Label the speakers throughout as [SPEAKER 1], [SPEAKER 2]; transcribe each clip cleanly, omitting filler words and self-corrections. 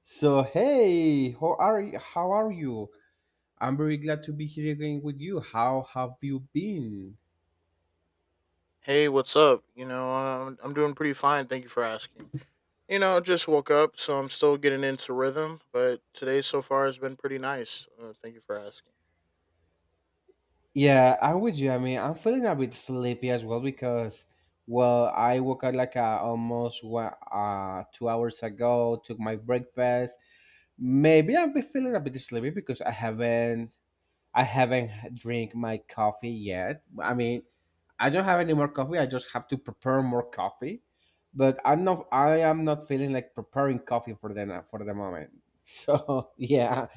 [SPEAKER 1] So hey, how are you? How are you? I'm very glad to be here again with you. How have you been?
[SPEAKER 2] Hey, what's up? I'm doing pretty fine. Thank you for asking. Just woke up, so I'm still getting into rhythm, but today so far has been pretty nice. Thank you for asking.
[SPEAKER 1] Yeah, I'm with you. I mean, I'm feeling a bit sleepy as well because, well, I woke up like almost one, 2 hours ago. Took my breakfast. Maybe I'm be feeling a bit sleepy because I haven't drink my coffee yet. I mean, I don't have any more coffee. I just have to prepare more coffee. But I'm not. I am not feeling like preparing coffee for the moment. So yeah.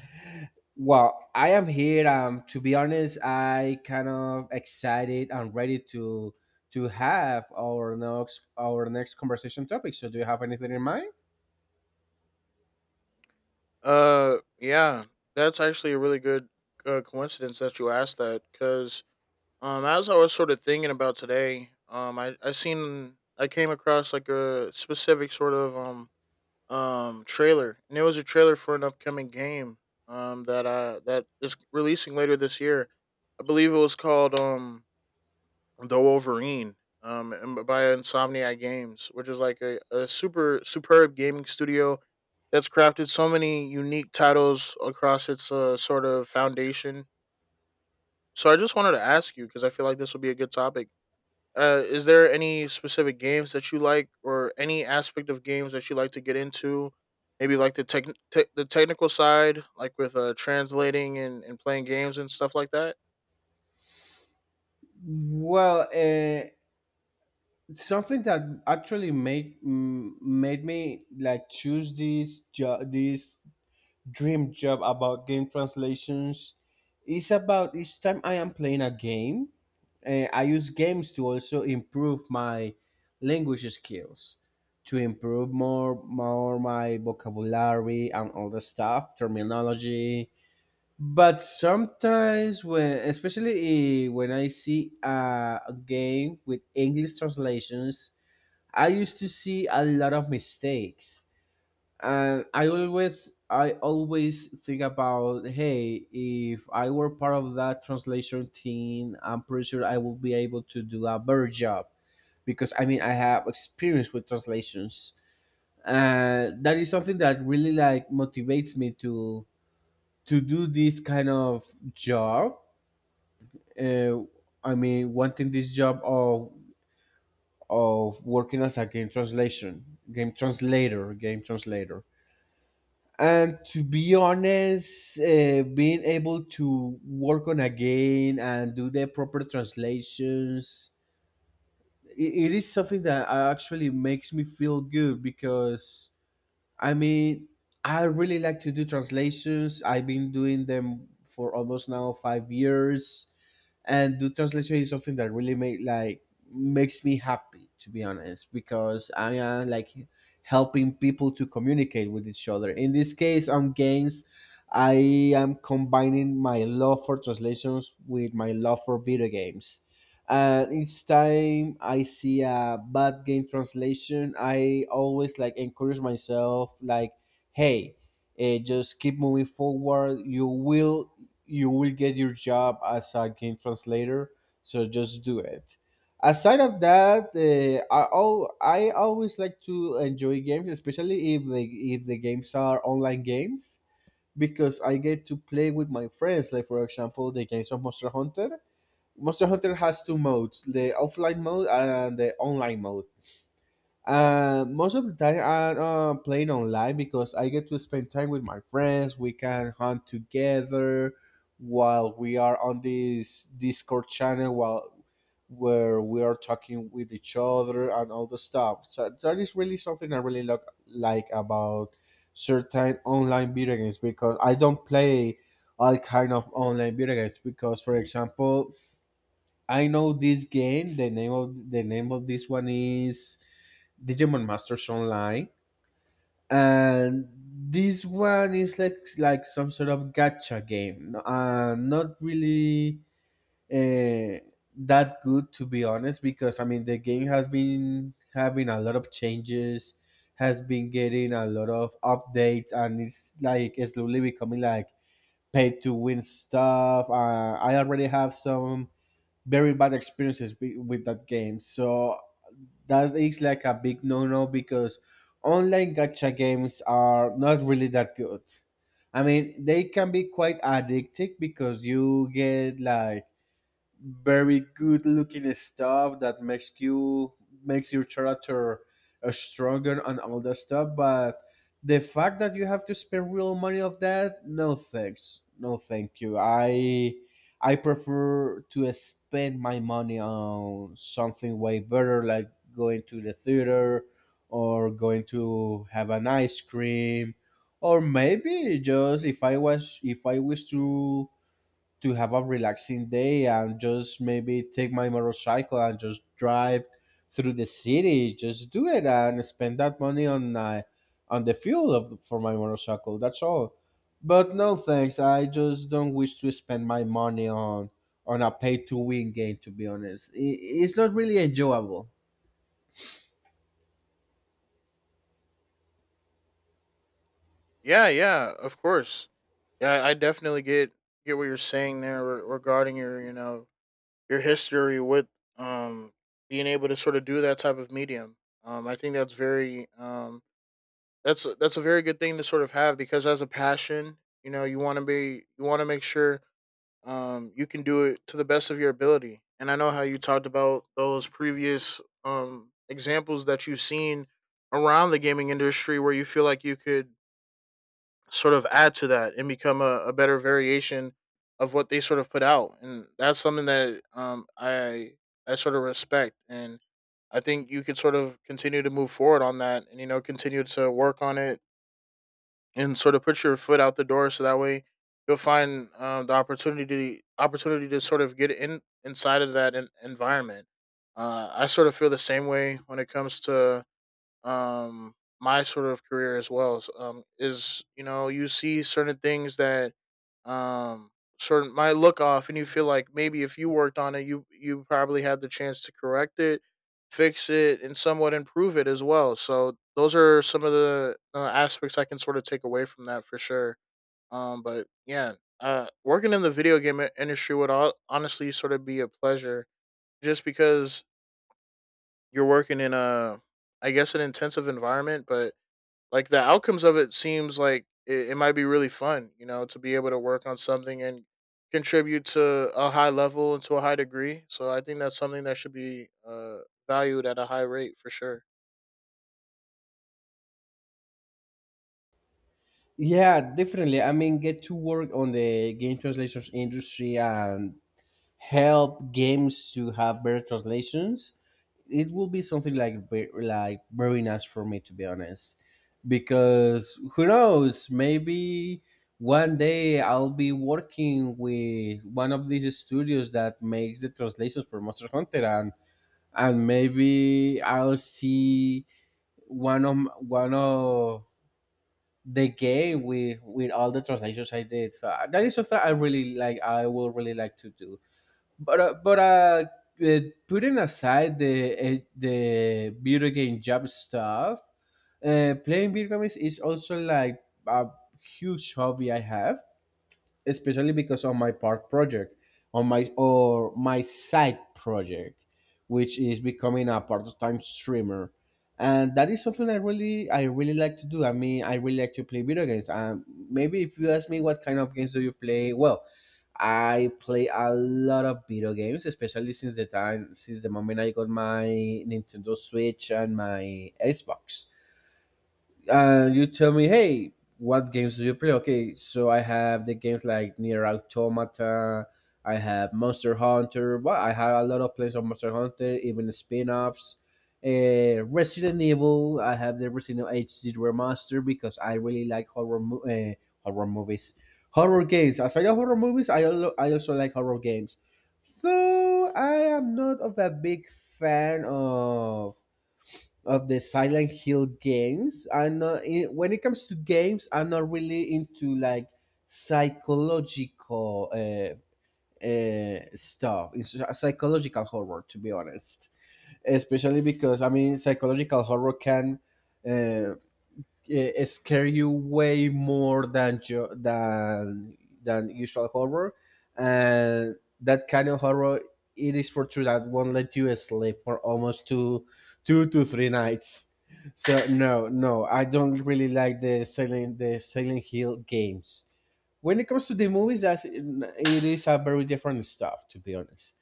[SPEAKER 1] Well, I am here. To be honest, I kind of excited and ready to to have our next conversation topic. So, do you have anything in mind?
[SPEAKER 2] Yeah, that's actually a really good coincidence that you asked that because as I was sort of thinking about today, I came across like a specific sort of, trailer, and it was a trailer for an upcoming game that that is releasing later this year. I believe it was called The Wolverine and by Insomniac Games, which is like a super superb gaming studio that's crafted so many unique titles across its sort of foundation. So I just wanted to ask you because I feel like this would be a good topic. Is there any specific games that you like, or any aspect of games that you like to get into? Maybe like the tech, the technical side, like with translating and playing games and stuff like that.
[SPEAKER 1] Well, something that actually made me like choose this job this dream job about game translations is about each time I am playing a game, I use games to also improve my language skills, to improve more my vocabulary and all the stuff terminology. But sometimes when, especially when I see a game with English translations, I used to see a lot of mistakes, and I always think about, hey, if I were part of that translation team, I'm pretty sure I will be able to do a better job because I mean I have experience with translations. That is something that really like motivates me to do this kind of job. Uh, I mean, wanting this job of working as a game translation, game translator, game translator. And to be honest, being able to work on a game and do the proper translations, I it is something that actually makes me feel good because I mean, I really like to do translations. I've been doing them for almost now 5 years, and do translation is something that really make like makes me happy, to be honest, because I am like helping people to communicate with each other. In this case, on games, I am combining my love for translations with my love for video games. And each time I see a bad game translation, I always like encourage myself like, hey, just keep moving forward. You will get your job as a game translator, so just do it. Aside of that, I always like to enjoy games, especially if the games are online games, because I get to play with my friends, like for example the games of Monster Hunter. Monster Hunter has two modes: the offline mode and the online mode. Most of the time, I'm playing online because I get to spend time with my friends. We can hunt together while we are on this Discord channel, while where we are talking with each other and all the stuff. So that is really something I really look, like about certain online video games, because I don't play all kind of online video games, because, for example, I know this game. The name of this one is Digimon Masters Online, and this one is like some sort of gacha game. No, not really uh, that good, to be honest, because I mean the game has been having a lot of changes, has been getting a lot of updates, and it's like slowly becoming like pay to win stuff. I already have some very bad experiences with that game. So that is like a big no-no, because online gacha games are not really that good. I mean, they can be quite addictive because you get like very good looking stuff that makes you makes your character stronger and all that stuff, but the fact that you have to spend real money of that, no thanks, no thank you. I prefer to spend my money on something way better, like going to the theater, or going to have an ice cream, or maybe just if I wish to have a relaxing day and just maybe take my motorcycle and just drive through the city. Just do it and spend that money on the fuel of, for my motorcycle. That's all. But no thanks. I just don't wish to spend my money on a pay to win game. To be honest, I it's not really enjoyable.
[SPEAKER 2] Yeah, yeah, of course. Yeah, I definitely get what you're saying there regarding your, you know, your history with um being able to sort of do that type of medium. I think that's very that's a very good thing to sort of have because as a passion, you know, you want to be, you want to make sure you can do it to the best of your ability. And I know how you talked about those previous examples that you've seen around the gaming industry where you feel like you could sort of add to that and become a better variation of what they sort of put out. And that's something that I sort of respect. And I think you could sort of continue to move forward on that and, you know, continue to work on it and sort of put your foot out the door so that way you'll find the opportunity to sort of get in inside of that environment. I sort of feel the same way when it comes to um my sort of career as well. So, um, is, you know, you see certain things that um certain might look off and you feel like maybe if you worked on it, you probably had the chance to correct it, fix it and somewhat improve it as well. So those are some of the aspects I can sort of take away from that for sure. But yeah, working in the video game industry would, all, honestly, sort of be a pleasure just because you're working in a, I guess, an intensive environment, but like the outcomes of it seems like it might be really fun, you know, to be able to work on something and contribute to a high level and to a high degree. So I think that's something that should be valued at a high rate for sure.
[SPEAKER 1] Yeah, definitely. I mean, get to work on the game translations industry and help games to have better translations, it will be something like like very nice for me, to be honest. Because who knows, maybe one day I'll be working with one of these studios that makes the translations for Monster Hunter, and maybe I'll see one of one of the game with all the translations I did. So that is something I really like I will really like to do. But uh, Putting aside the video game job stuff, playing video games is also like a huge hobby I have, especially because of my part project on my or my side project, which is becoming a part-time streamer. And that is something I really like to do. I mean, I really like to play video games. Maybe if you ask me what kind of games do you play, well, I play a lot of video games, especially since the time since the moment I got my Nintendo Switch and my Xbox. Uh, you tell me, hey, what games do you play? Okay, so I have the games like Near Automata, I have Monster Hunter. Well, I have a lot of plays on Monster Hunter, even the spin-offs. Resident Evil, I have the Resident Evil HD remaster because I really like horror movies, horror games. Aside of horror movies, I also like horror games. So I am not of a big fan of the Silent Hill games. And when it comes to games, I'm not really into like psychological stuff, it's a psychological horror, to be honest. Especially because I mean, psychological horror can uh, scare you way more than than usual horror, and that kind of horror, it is for true that won't let you sleep for almost two, two to three nights. So no, no, I don't really like the Silent Hill games. When it comes to the movies, that's, it is a very different stuff, to be honest.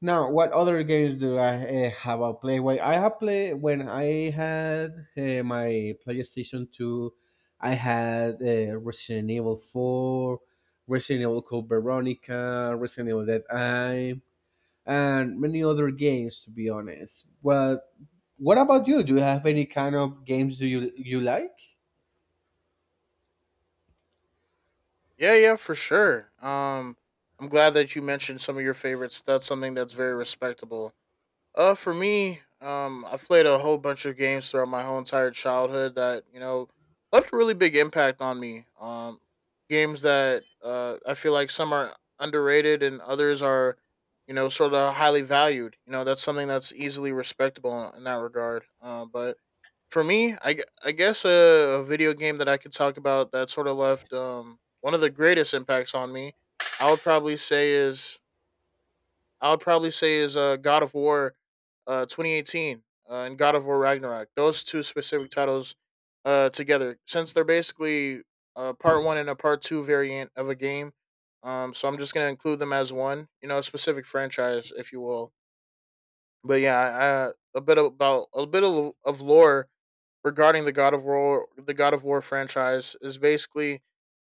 [SPEAKER 1] Now, what other games do I have I played? Well, I have played when I had my PlayStation Two. I had Resident Evil Four, Resident Evil Code Veronica, Resident Evil Dead Eye, and many other games. To be honest, well, what about you? Do you have any kind of games do you like?
[SPEAKER 2] Yeah, yeah, for sure. I'm glad that you mentioned some of your favorites. That's something that's very respectable. For me, I've played a whole bunch of games throughout my whole entire childhood that, you know, left a really big impact on me. Games that I feel like some are underrated and others are, you know, sort of highly valued. You know, that's something that's easily respectable in that regard. But for me, I guess a video game that I could talk about that sort of left, um, one of the greatest impacts on me, I would probably say is I would probably say is God of War 2018 and God of War Ragnarok. Those two specific titles, together, since they're basically part one and a part two variant of a game. So I'm just gonna include them as one, you know, a specific franchise, if you will. But yeah, a bit about a bit of lore regarding the God of War franchise is basically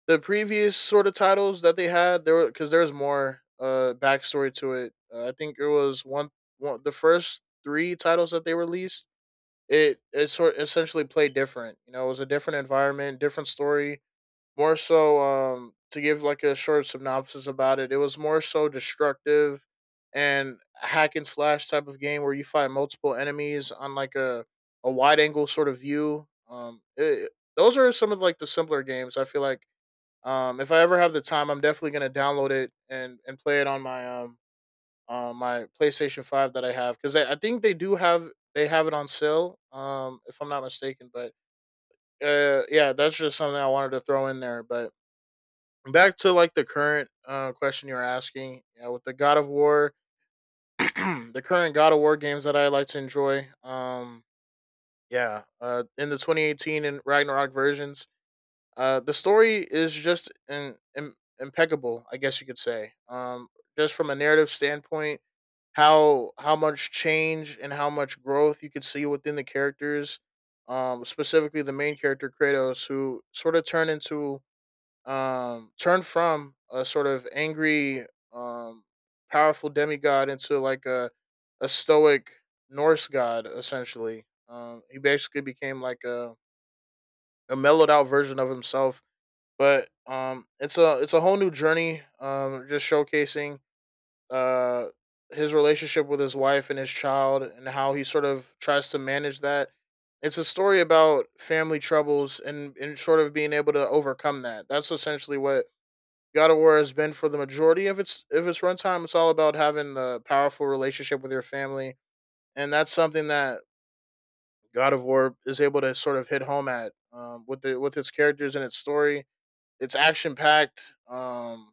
[SPEAKER 2] the previous sort of titles that they had there were because there was more backstory to it. I think it was one the first three titles that they released. It sort essentially played different. You know, it was a different environment, different story, more so, um, to give like a short synopsis about it, it was more so destructive and hack and slash type of game where you fight multiple enemies on like a wide angle sort of view. Those are some of like the simpler games I feel like. If I ever have the time, I'm definitely going to download it and play it on my my PlayStation 5 that I have because I think they do have, they have it on sale, if I'm not mistaken. But yeah, that's just something I wanted to throw in there. But back to like the current question you're asking, yeah, with the God of War, the current God of War games that I like to enjoy, yeah, in the 2018 and Ragnarok versions, the story is just in, im impeccable, I guess you could say. Just from a narrative standpoint, how much change and how much growth you could see within the characters, specifically the main character Kratos, who sort of turned into turned from a sort of angry, um powerful demigod into like a stoic Norse god essentially. Um, he basically became like a mellowed out version of himself, but it's a, it's a whole new journey, just showcasing uh his relationship with his wife and his child and how he sort of tries to manage that. It's a story about family troubles and sort of being able to overcome that. That's essentially what God of War has been for the majority of its runtime. It's all about having the powerful relationship with your family, and that's something that God of War is able to sort of hit home at, with the, with its characters and its story. It's action packed.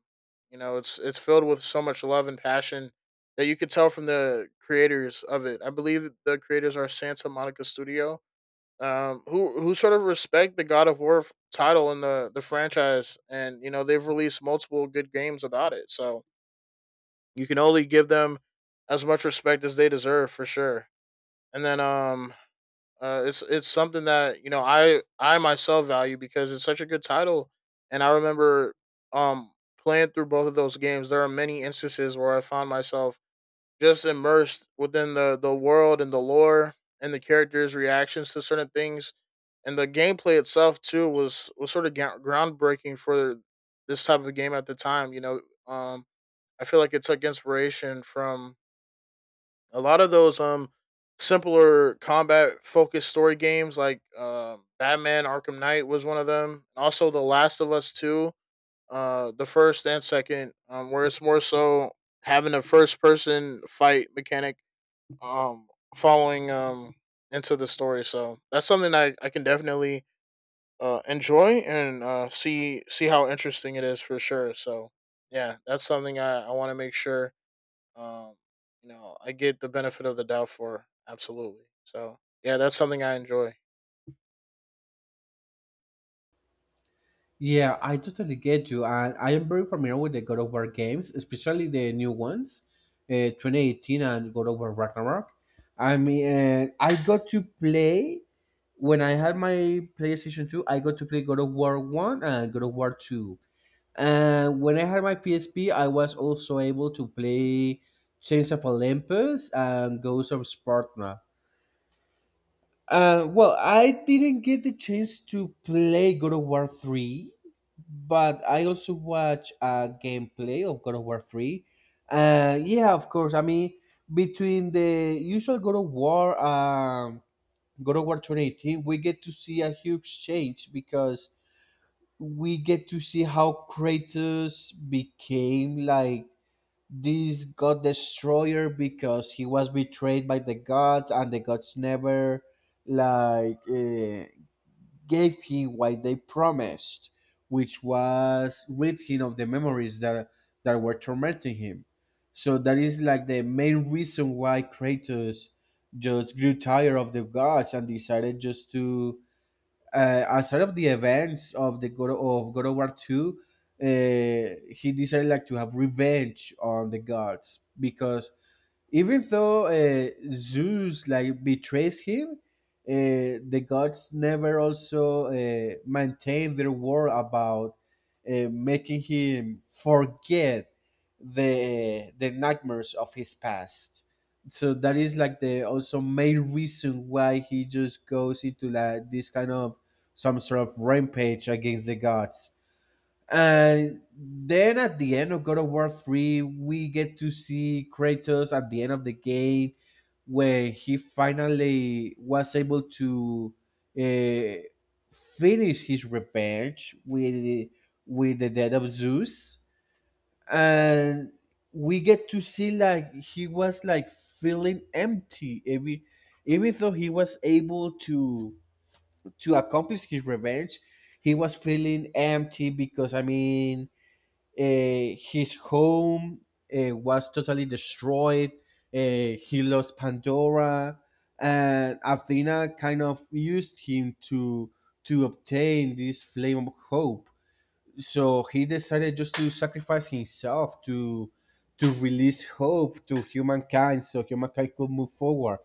[SPEAKER 2] You know, it's filled with so much love and passion that you could tell from the creators of it. I believe the creators are Santa Monica Studio, who sort of respect the God of War title and the franchise, and you know they've released multiple good games about it. So you can only give them as much respect as they deserve for sure. And then it's something that, you know, I myself value because it's such a good title, and I remember um playing through both of those games. There are many instances where I found myself just immersed within the world and the lore and the characters' reactions to certain things, and the gameplay itself too was sort of groundbreaking for this type of game at the time. You know, um, I feel like it took inspiration from a lot of those simpler combat focused story games like Batman Arkham Knight was one of them. Also The Last of Us 2, the first and second, where it's more so having a first person fight mechanic um following into the story. So that's something that I can definitely enjoy and see how interesting it is for sure. So yeah, that's something I want to make sure, um, you know, I get the benefit of the doubt for absolutely. So yeah, that's something I enjoy.
[SPEAKER 1] Yeah, I totally get you. And I am very familiar with the God of War games, especially the new ones, 2018 and God of War Ragnarok. I mean, I got to play when I had my PlayStation 2, I got to play God of War 1 and God of War 2. And when I had my PSP, I was also able to play Chains of Olympus and Ghosts of Sparta. Well, I didn't get the chance to play God of War 3, but I also watched a gameplay of God of War 3. Yeah, of course. I mean, between the usual God of War 2018, we get to see a huge change because we get to see how Kratos became like this god destroyer, because he was betrayed by the gods and the gods never like gave him what they promised, which was rid him of the memories that that were tormenting him. So that is like the main reason why Kratos just grew tired of the gods and decided just to, outside of the events of the God of War Two, he decided like to have revenge on the gods because even though Zeus like betrays him, the gods never also maintain their word about making him forget the nightmares of his past. So that is like the also main reason why he just goes into like this kind of some sort of rampage against the gods. And then at the end of God of War 3, we get to see Kratos at the end of the game where he finally was able to uh, finish his revenge with the death of Zeus. And we get to see like he was like feeling empty every even though he was able to accomplish his revenge, he was feeling empty because I mean, his home was totally destroyed. He lost Pandora, and Athena kind of used him to obtain this flame of hope. So he decided just to sacrifice himself to release hope to humankind, so humankind could move forward.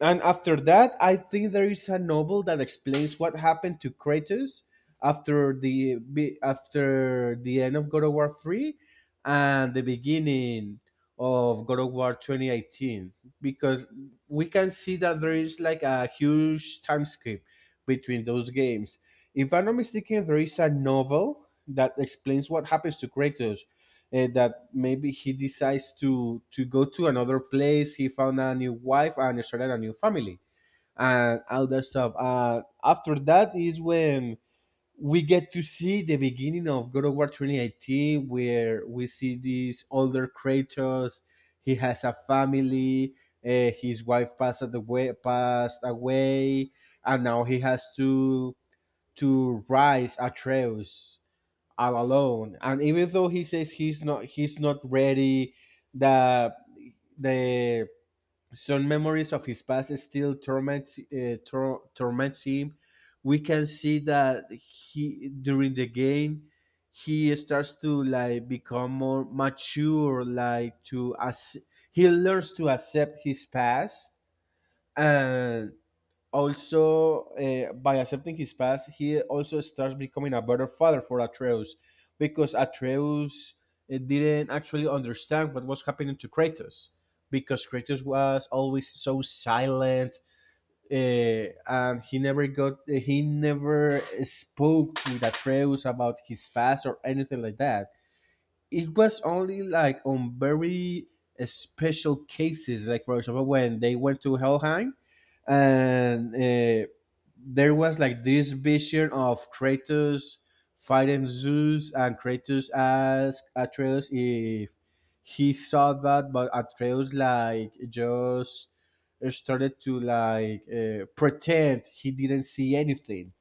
[SPEAKER 1] And after that, I think there is a novel that explains what happened to Kratos after the end of God of War 3 and the beginning of God of War 2018, because we can see that there is like a huge time skip between those games. If I'm not mistaken, there is a novel that explains what happens to Kratos, that maybe he decides to go to another place. He found a new wife and started a new family and all that stuff. After that is when we get to see the beginning of God of War 2018, where we see this older Kratos. He has a family. His wife passed away, and now he has to rise Atreus all alone. And even though he says he's not ready, the the some memories of his past still torments torments him. We can see that he during the game he starts to like become more mature, like to as he learns to accept his past and also, by accepting his past, he also starts becoming a better father for Atreus, because Atreus didn't actually understand what was happening to Kratos, because Kratos was always so silent, and he never spoke with Atreus about his past or anything like that. It was only like on very special cases, like for example when they went to Helheim and there was like this vision of Kratos fighting Zeus, and Kratos asked Atreus if he saw that, but Atreus like just started to like pretend he didn't see anything.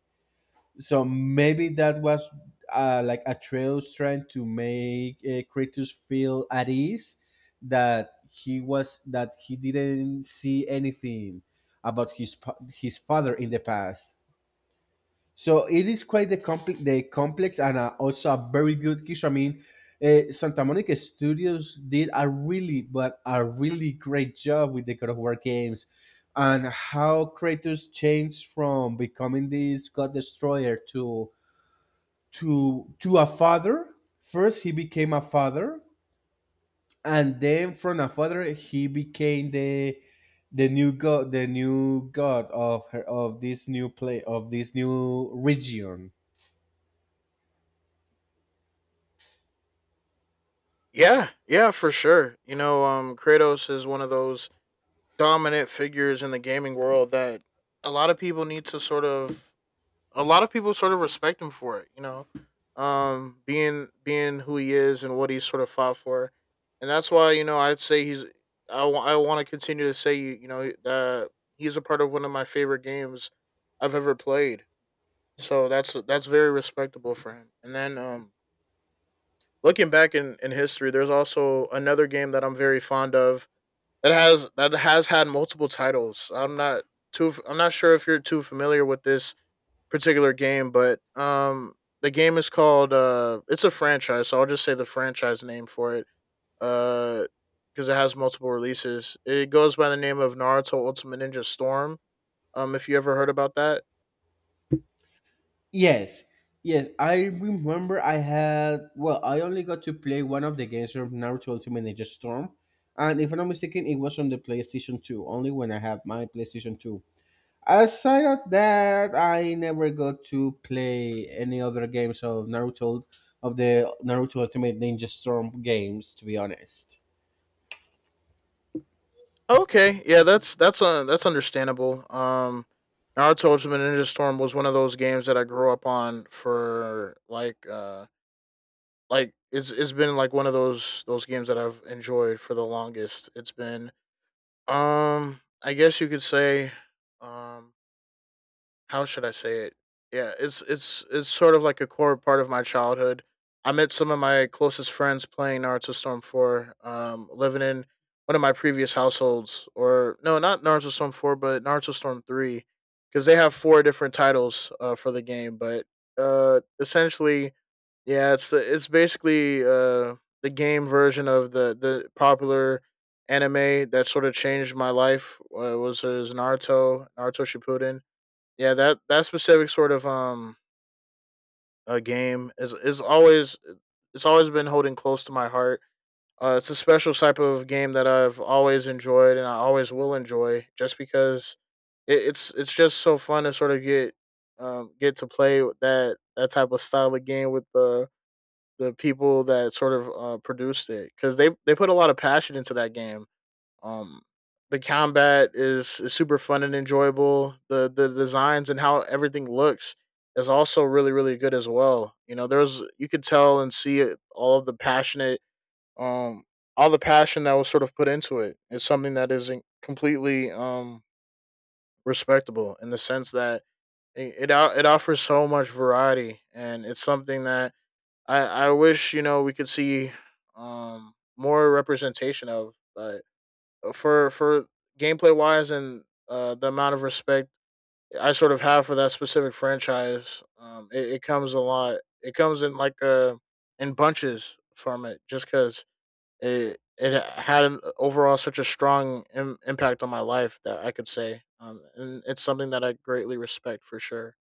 [SPEAKER 1] So maybe that was like Atreus trying to make Kratos feel at ease that he was that he didn't see anything about his father in the past. So it is quite the complex and also a very good kiss. I mean, Santa Monica Studios did a really, but a really great job with the God of War games and how Kratos changed from becoming this God Destroyer to a father. First, he became a father, and then from a father, he became the new god, the new god of this new play of this new region.
[SPEAKER 2] Yeah, yeah, for sure. You know, Kratos is one of those dominant figures in the gaming world that a lot of people need to sort of, a lot of people sort of respect him for it. You know, being who he is and what he's sort of fought for, and that's why, you know, I'd say he's. I want to continue to say, you know, that he's a part of one of my favorite games I've ever played. So that's very respectable for him. And then looking back in history, there's also another game that I'm very fond of that has had multiple titles. I'm not sure if you're too familiar with this particular game, but the game is called it's a franchise, so I'll just say the franchise name for it. Uh, because it has multiple releases. It goes by the name of Naruto Ultimate Ninja Storm. If you ever heard about that.
[SPEAKER 1] Yes, yes. I remember I had, well, I only got to play one of the games from Naruto Ultimate Ninja Storm. And if I'm not mistaken, it was on the PlayStation 2, only when I had my PlayStation 2. Aside of that, I never got to play any other games of Naruto, of the Naruto Ultimate Ninja Storm games, to be honest.
[SPEAKER 2] Okay, yeah, that's understandable. Naruto Ultimate Ninja Storm was one of those games that I grew up on for like it's been like one of those games that I've enjoyed for the longest. It's been I guess you could say um how should I say it? Yeah, it's sort of like a core part of my childhood. I met some of my closest friends playing Naruto Storm Four, living in one of my previous households, or no, not Naruto Storm Four, but Naruto Storm Three, because they have four different titles for the game. But essentially, yeah, it's basically the game version of the popular anime that sort of changed my life. Was Naruto, Naruto Shippuden, yeah, that specific sort of a game is always, it's always been holding close to my heart. It's a special type of game that I've always enjoyed and I always will enjoy, just because it's just so fun to sort of get to play with that type of style of game with the people that sort of produced it because they put a lot of passion into that game. um, the combat is super fun and enjoyable. The designs and how everything looks is also really good as well. You know, there's, you could tell and see it, all of the passionate um all the passion that was sort of put into it is something that is isn't completely respectable in the sense that it offers so much variety, and it's something that I wish, you know, we could see more representation of, for gameplay wise, and the amount of respect I sort of have for that specific franchise. It comes a lot. It comes in like in bunches from it, just because it had an overall such a strong impact on my life, that I could say. And it's something that I greatly respect for sure.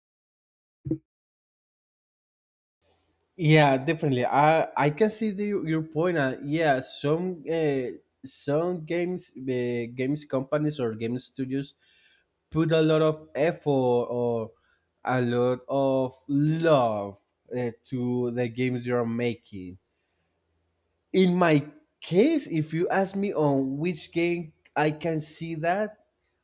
[SPEAKER 1] Yeah, definitely. I can see your point. Yeah, some games games companies or game studios put a lot of effort or a lot of love, to the games you're making. In my case, if you ask me on which game I can see that,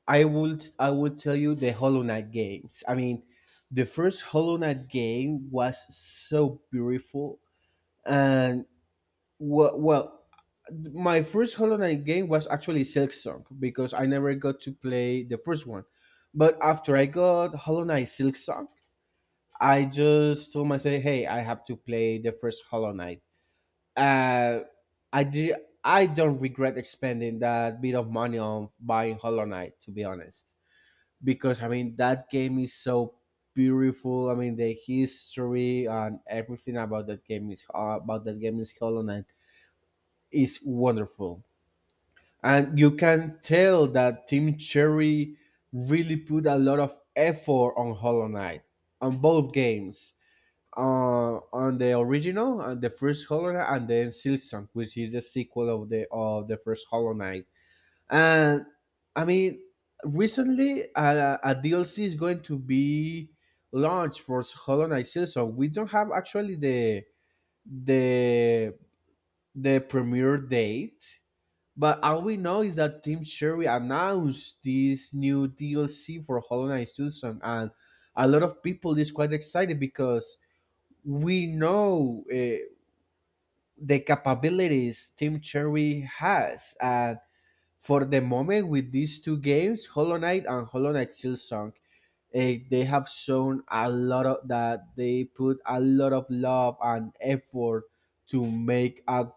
[SPEAKER 1] I would tell you the Hollow Knight games. I mean, the first Hollow Knight game was so beautiful and well my first Hollow Knight game was actually Silksong because I never got to play the first one. But after I got Hollow Knight Silksong, I just told myself, "Hey, I have to play the first Hollow Knight." Uh, I did. I don't regret expending that bit of money on buying Hollow Knight, to be honest, because I mean that game is so beautiful. I mean the history and everything about that game is Hollow Knight is wonderful. And you can tell that Team Cherry really put a lot of effort on Hollow Knight on both games, uh, on the original, on the first Hollow Knight, and then Silksong, which is the sequel of the first Hollow Knight. And I mean, recently a DLC is going to be launched for Hollow Knight Silksong. We don't have actually the the premiere date, but all we know is that Tim Sherry announced this new DLC for Hollow Knight Silksong, and a lot of people is quite excited because we know, the capabilities Tim Cherry has. For the moment with these two games, Hollow Knight and Hollow Knight Silksong, they have shown a lot of that they put a lot of love and effort to make a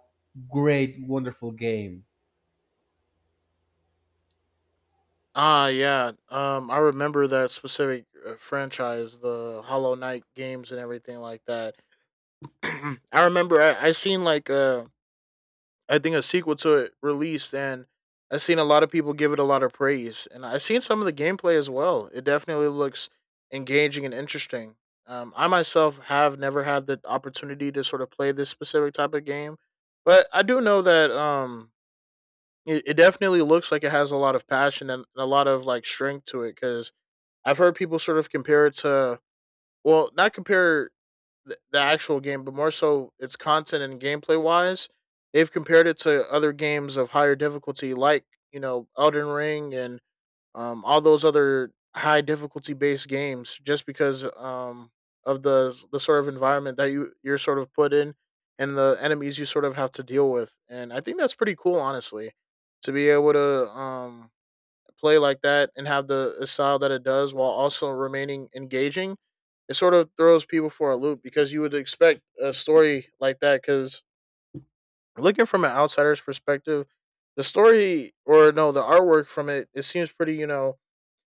[SPEAKER 1] great, wonderful game.
[SPEAKER 2] Ah, yeah. I remember that specific franchise, the Hollow Knight games and everything like that. I remember I seen like I think a sequel to it released, and I've seen a lot of people give it a lot of praise, and I've seen some of the gameplay as well. It definitely looks engaging and interesting. I myself have never had the opportunity to sort of play this specific type of game, but I do know that it definitely looks like it has a lot of passion and a lot of like strength to it. Because I've heard people sort of compare it to, well, not compare the actual game, but more so its content and gameplay wise. They've compared it to other games of higher difficulty, like, you know, Elden Ring and all those other high difficulty based games, just because of the sort of environment that you're sort of put in and the enemies you sort of have to deal with. And I think that's pretty cool, honestly, to be able to play like that and have the style that it does while also remaining engaging. It sort of throws people for a loop because you would expect a story like that. Because looking from an outsider's perspective, the story, or no, the artwork from it, it seems pretty, you know,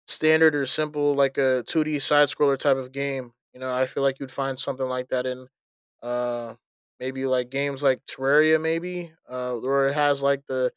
[SPEAKER 2] standard or simple, like a 2D side scroller type of game. You know, I feel like you'd find something like that in uh maybe like games like Terraria, maybe, where it has like the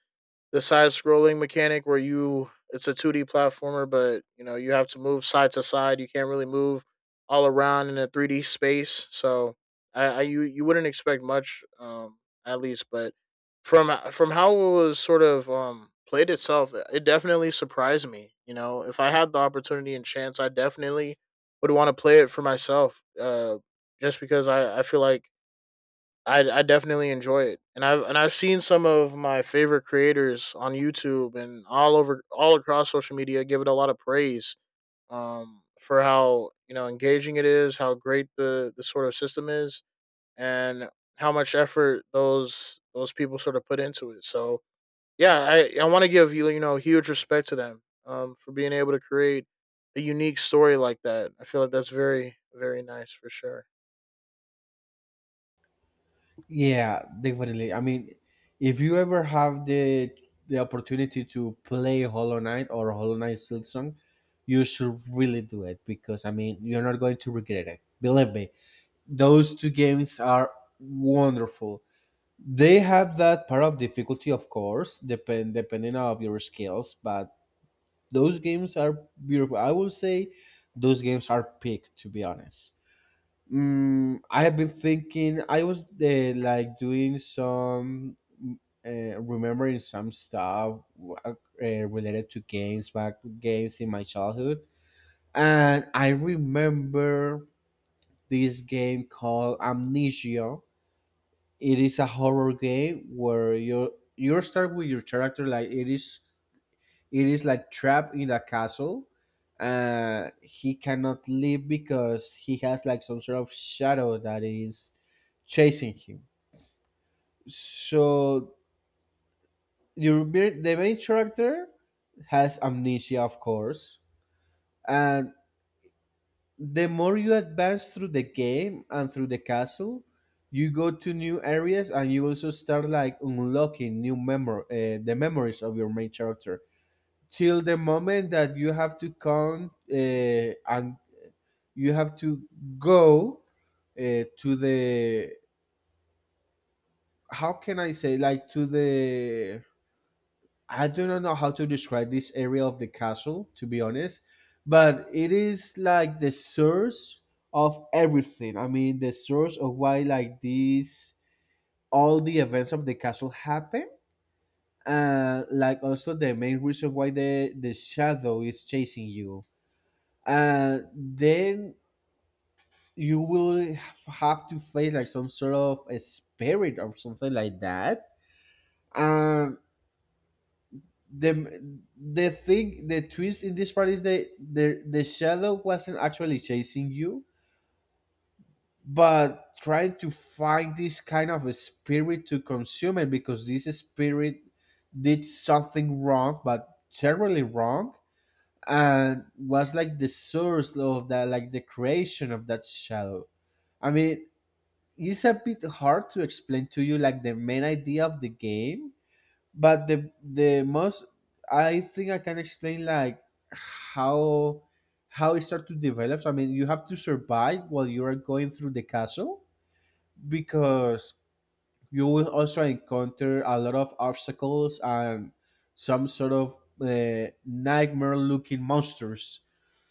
[SPEAKER 2] the side scrolling mechanic where you it's a 2D platformer, but, you know, you have to move side to side. You can't really move all around in a 3D space. So I you wouldn't expect much, at least, but from how it was sort of played itself, it definitely surprised me. You know, if I had the opportunity and chance, I definitely would want to play it for myself. Just because I feel like I definitely enjoy it, and I've seen some of my favorite creators on YouTube and all across social media give it a lot of praise, for how, you know, engaging it is, how great the sort of system is, and how much effort those people sort of put into it. So yeah, I want to give you know huge respect to them, for being able to create a unique story like that. I feel like that's very nice for sure.
[SPEAKER 1] Yeah, definitely. I mean, if you ever have the opportunity to play Hollow Knight or Hollow Knight Silksong, you should really do it because I mean, you're not going to regret it. Believe me, those two games are wonderful. They have that part of difficulty, of course, depending on your skills, but those games are beautiful. I will say those games are peak, to be honest. I have been thinking. I was like doing some remembering some stuff, uh, related to games in my childhood. And I remember this game called Amnesia. It is a horror game where you start with your character like it is like trapped in a castle. Uh, he cannot leave because he has like some sort of shadow that is chasing him. So the main character has amnesia, of course. And the more you advance through the game and through the castle, you go to new areas and you also start like unlocking new memor the memories of your main character till the moment that you have to come, and you have to go to the how can I say like to the, I do not know how to describe this area of the castle, to be honest, but it is like the source of everything. I mean, the source of why like these all the events of the castle happen, and like also the main reason why the shadow is chasing you. And then you will have to face like some sort of a spirit or something like that. Um, the twist in this part is that the shadow wasn't actually chasing you but trying to find this kind of a spirit to consume it because this spirit did something wrong but terribly wrong and was like the source of that, like the creation of that shadow. I mean, it's a bit hard to explain to you like the main idea of the game, but the most I think I can explain like how how it starts to develop. I mean, you have to survive while you are going through the castle, because you will also encounter a lot of obstacles and some sort of nightmare looking monsters.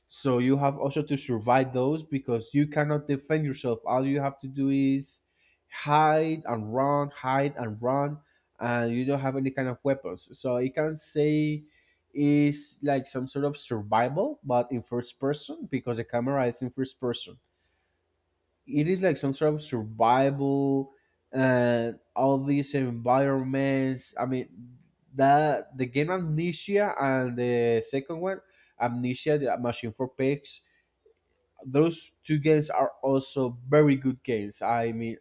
[SPEAKER 1] So you have also to survive those because you cannot defend yourself. All you have to do is hide and run, and you don't have any kind of weapons. So you can say it's like some sort of survival, but in first person because the camera is in first person. It is like some sort of survival and all these environments. I mean, that the game Amnesia and the second one, Amnesia, the Machine for Pigs, those two games are also very good games. I mean,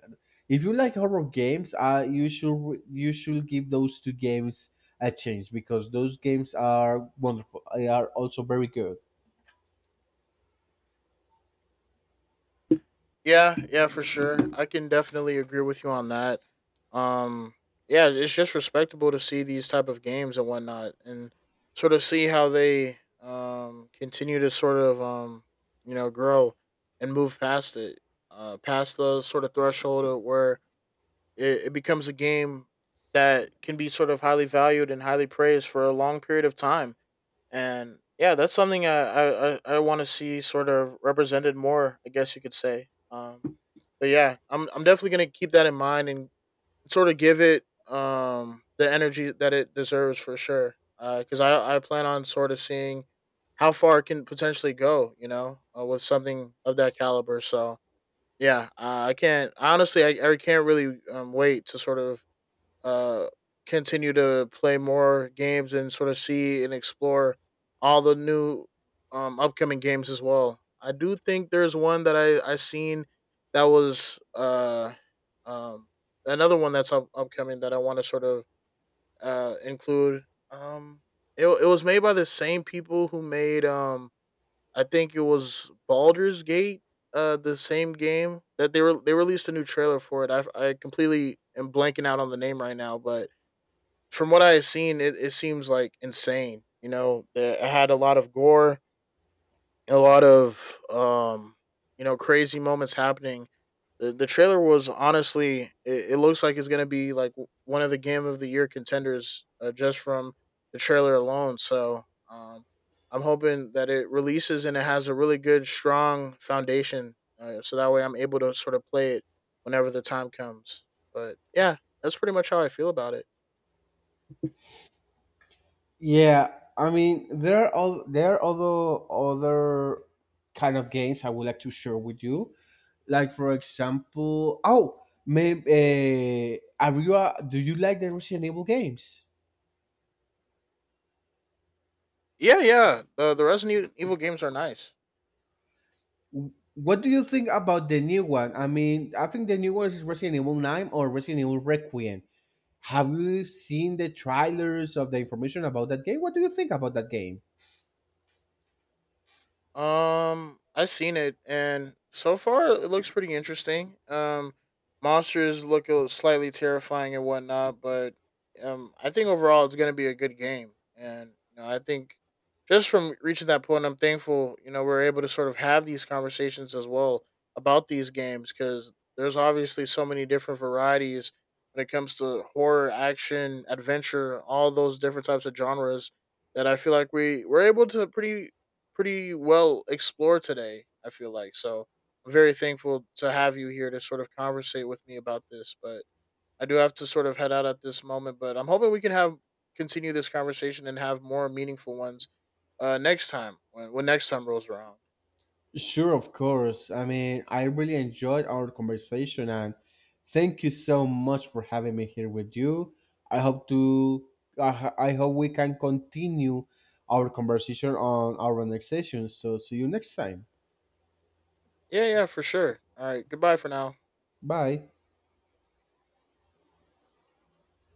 [SPEAKER 1] if you like horror games, you should give those two games a chance because those games are wonderful. They are also very good.
[SPEAKER 2] Yeah, yeah, for sure. I can definitely agree with you on that. Um, yeah, it's just respectable to see these type of games and whatnot, and sort of see how they continue to sort of you know grow and move past it, past the sort of threshold of where it becomes a game that can be sort of highly valued and highly praised for a long period of time. And yeah, that's something I want to see sort of represented more, I guess you could say. But yeah, I'm definitely gonna keep that in mind and sort of give it the energy that it deserves for sure. Because I plan on sort of seeing how far it can potentially go, you know, with something of that caliber. So yeah, I can't, honestly. I can't really wait to sort of uh, continue to play more games and sort of see and explore all the new, upcoming games as well. I do think there's one that I seen that was um another one that's upcoming that I want to sort of include. Um, it it was made by the same people who made I think it was Baldur's Gate, the same game that they released a new trailer for it. I completely am blanking out on the name right now, but from what I have seen, it seems like insane. You know, it had a lot of gore, a lot of you know, crazy moments happening. The trailer was honestly, it looks like it's gonna be like one of the game of the year contenders, just from the trailer alone. So um, I'm hoping that it releases and it has a really good, strong foundation. So that way, I'm able to sort of play it whenever the time comes. But yeah, that's pretty much how I feel about it.
[SPEAKER 1] Yeah, I mean there are other kind of games I would like to share with you. Like for example, oh, maybe are do you like the Resident Evil games?
[SPEAKER 2] Yeah, yeah. The Resident Evil games are nice.
[SPEAKER 1] What do you think about the new one? I mean, I think the new one is Resident Evil 9 or Resident Evil Requiem. Have you seen the trailers of the information about that game? What do you think about that game?
[SPEAKER 2] I seen it, and so far it looks pretty interesting. Monsters look a little slightly terrifying and whatnot, but I think overall it's gonna be a good game, and you know, I think just from reaching that point, I'm thankful. You know, we're able to sort of have these conversations as well about these games because there's obviously so many different varieties when it comes to horror, action, adventure, all those different types of genres that I feel like we were able to pretty, pretty well explored today, I feel like. So I'm very thankful to have you here to sort of conversate with me about this. But I do have to sort of head out at this moment, but I'm hoping we can have continue this conversation and have more meaningful ones next time when next time rolls around.
[SPEAKER 1] Sure, of course. I mean, I really enjoyed our conversation, and thank you so much for having me here with you. I hope to I hope we can continue our conversation on our next session. So see you next time.
[SPEAKER 2] Yeah, yeah, for sure. All right, goodbye for now.
[SPEAKER 1] Bye.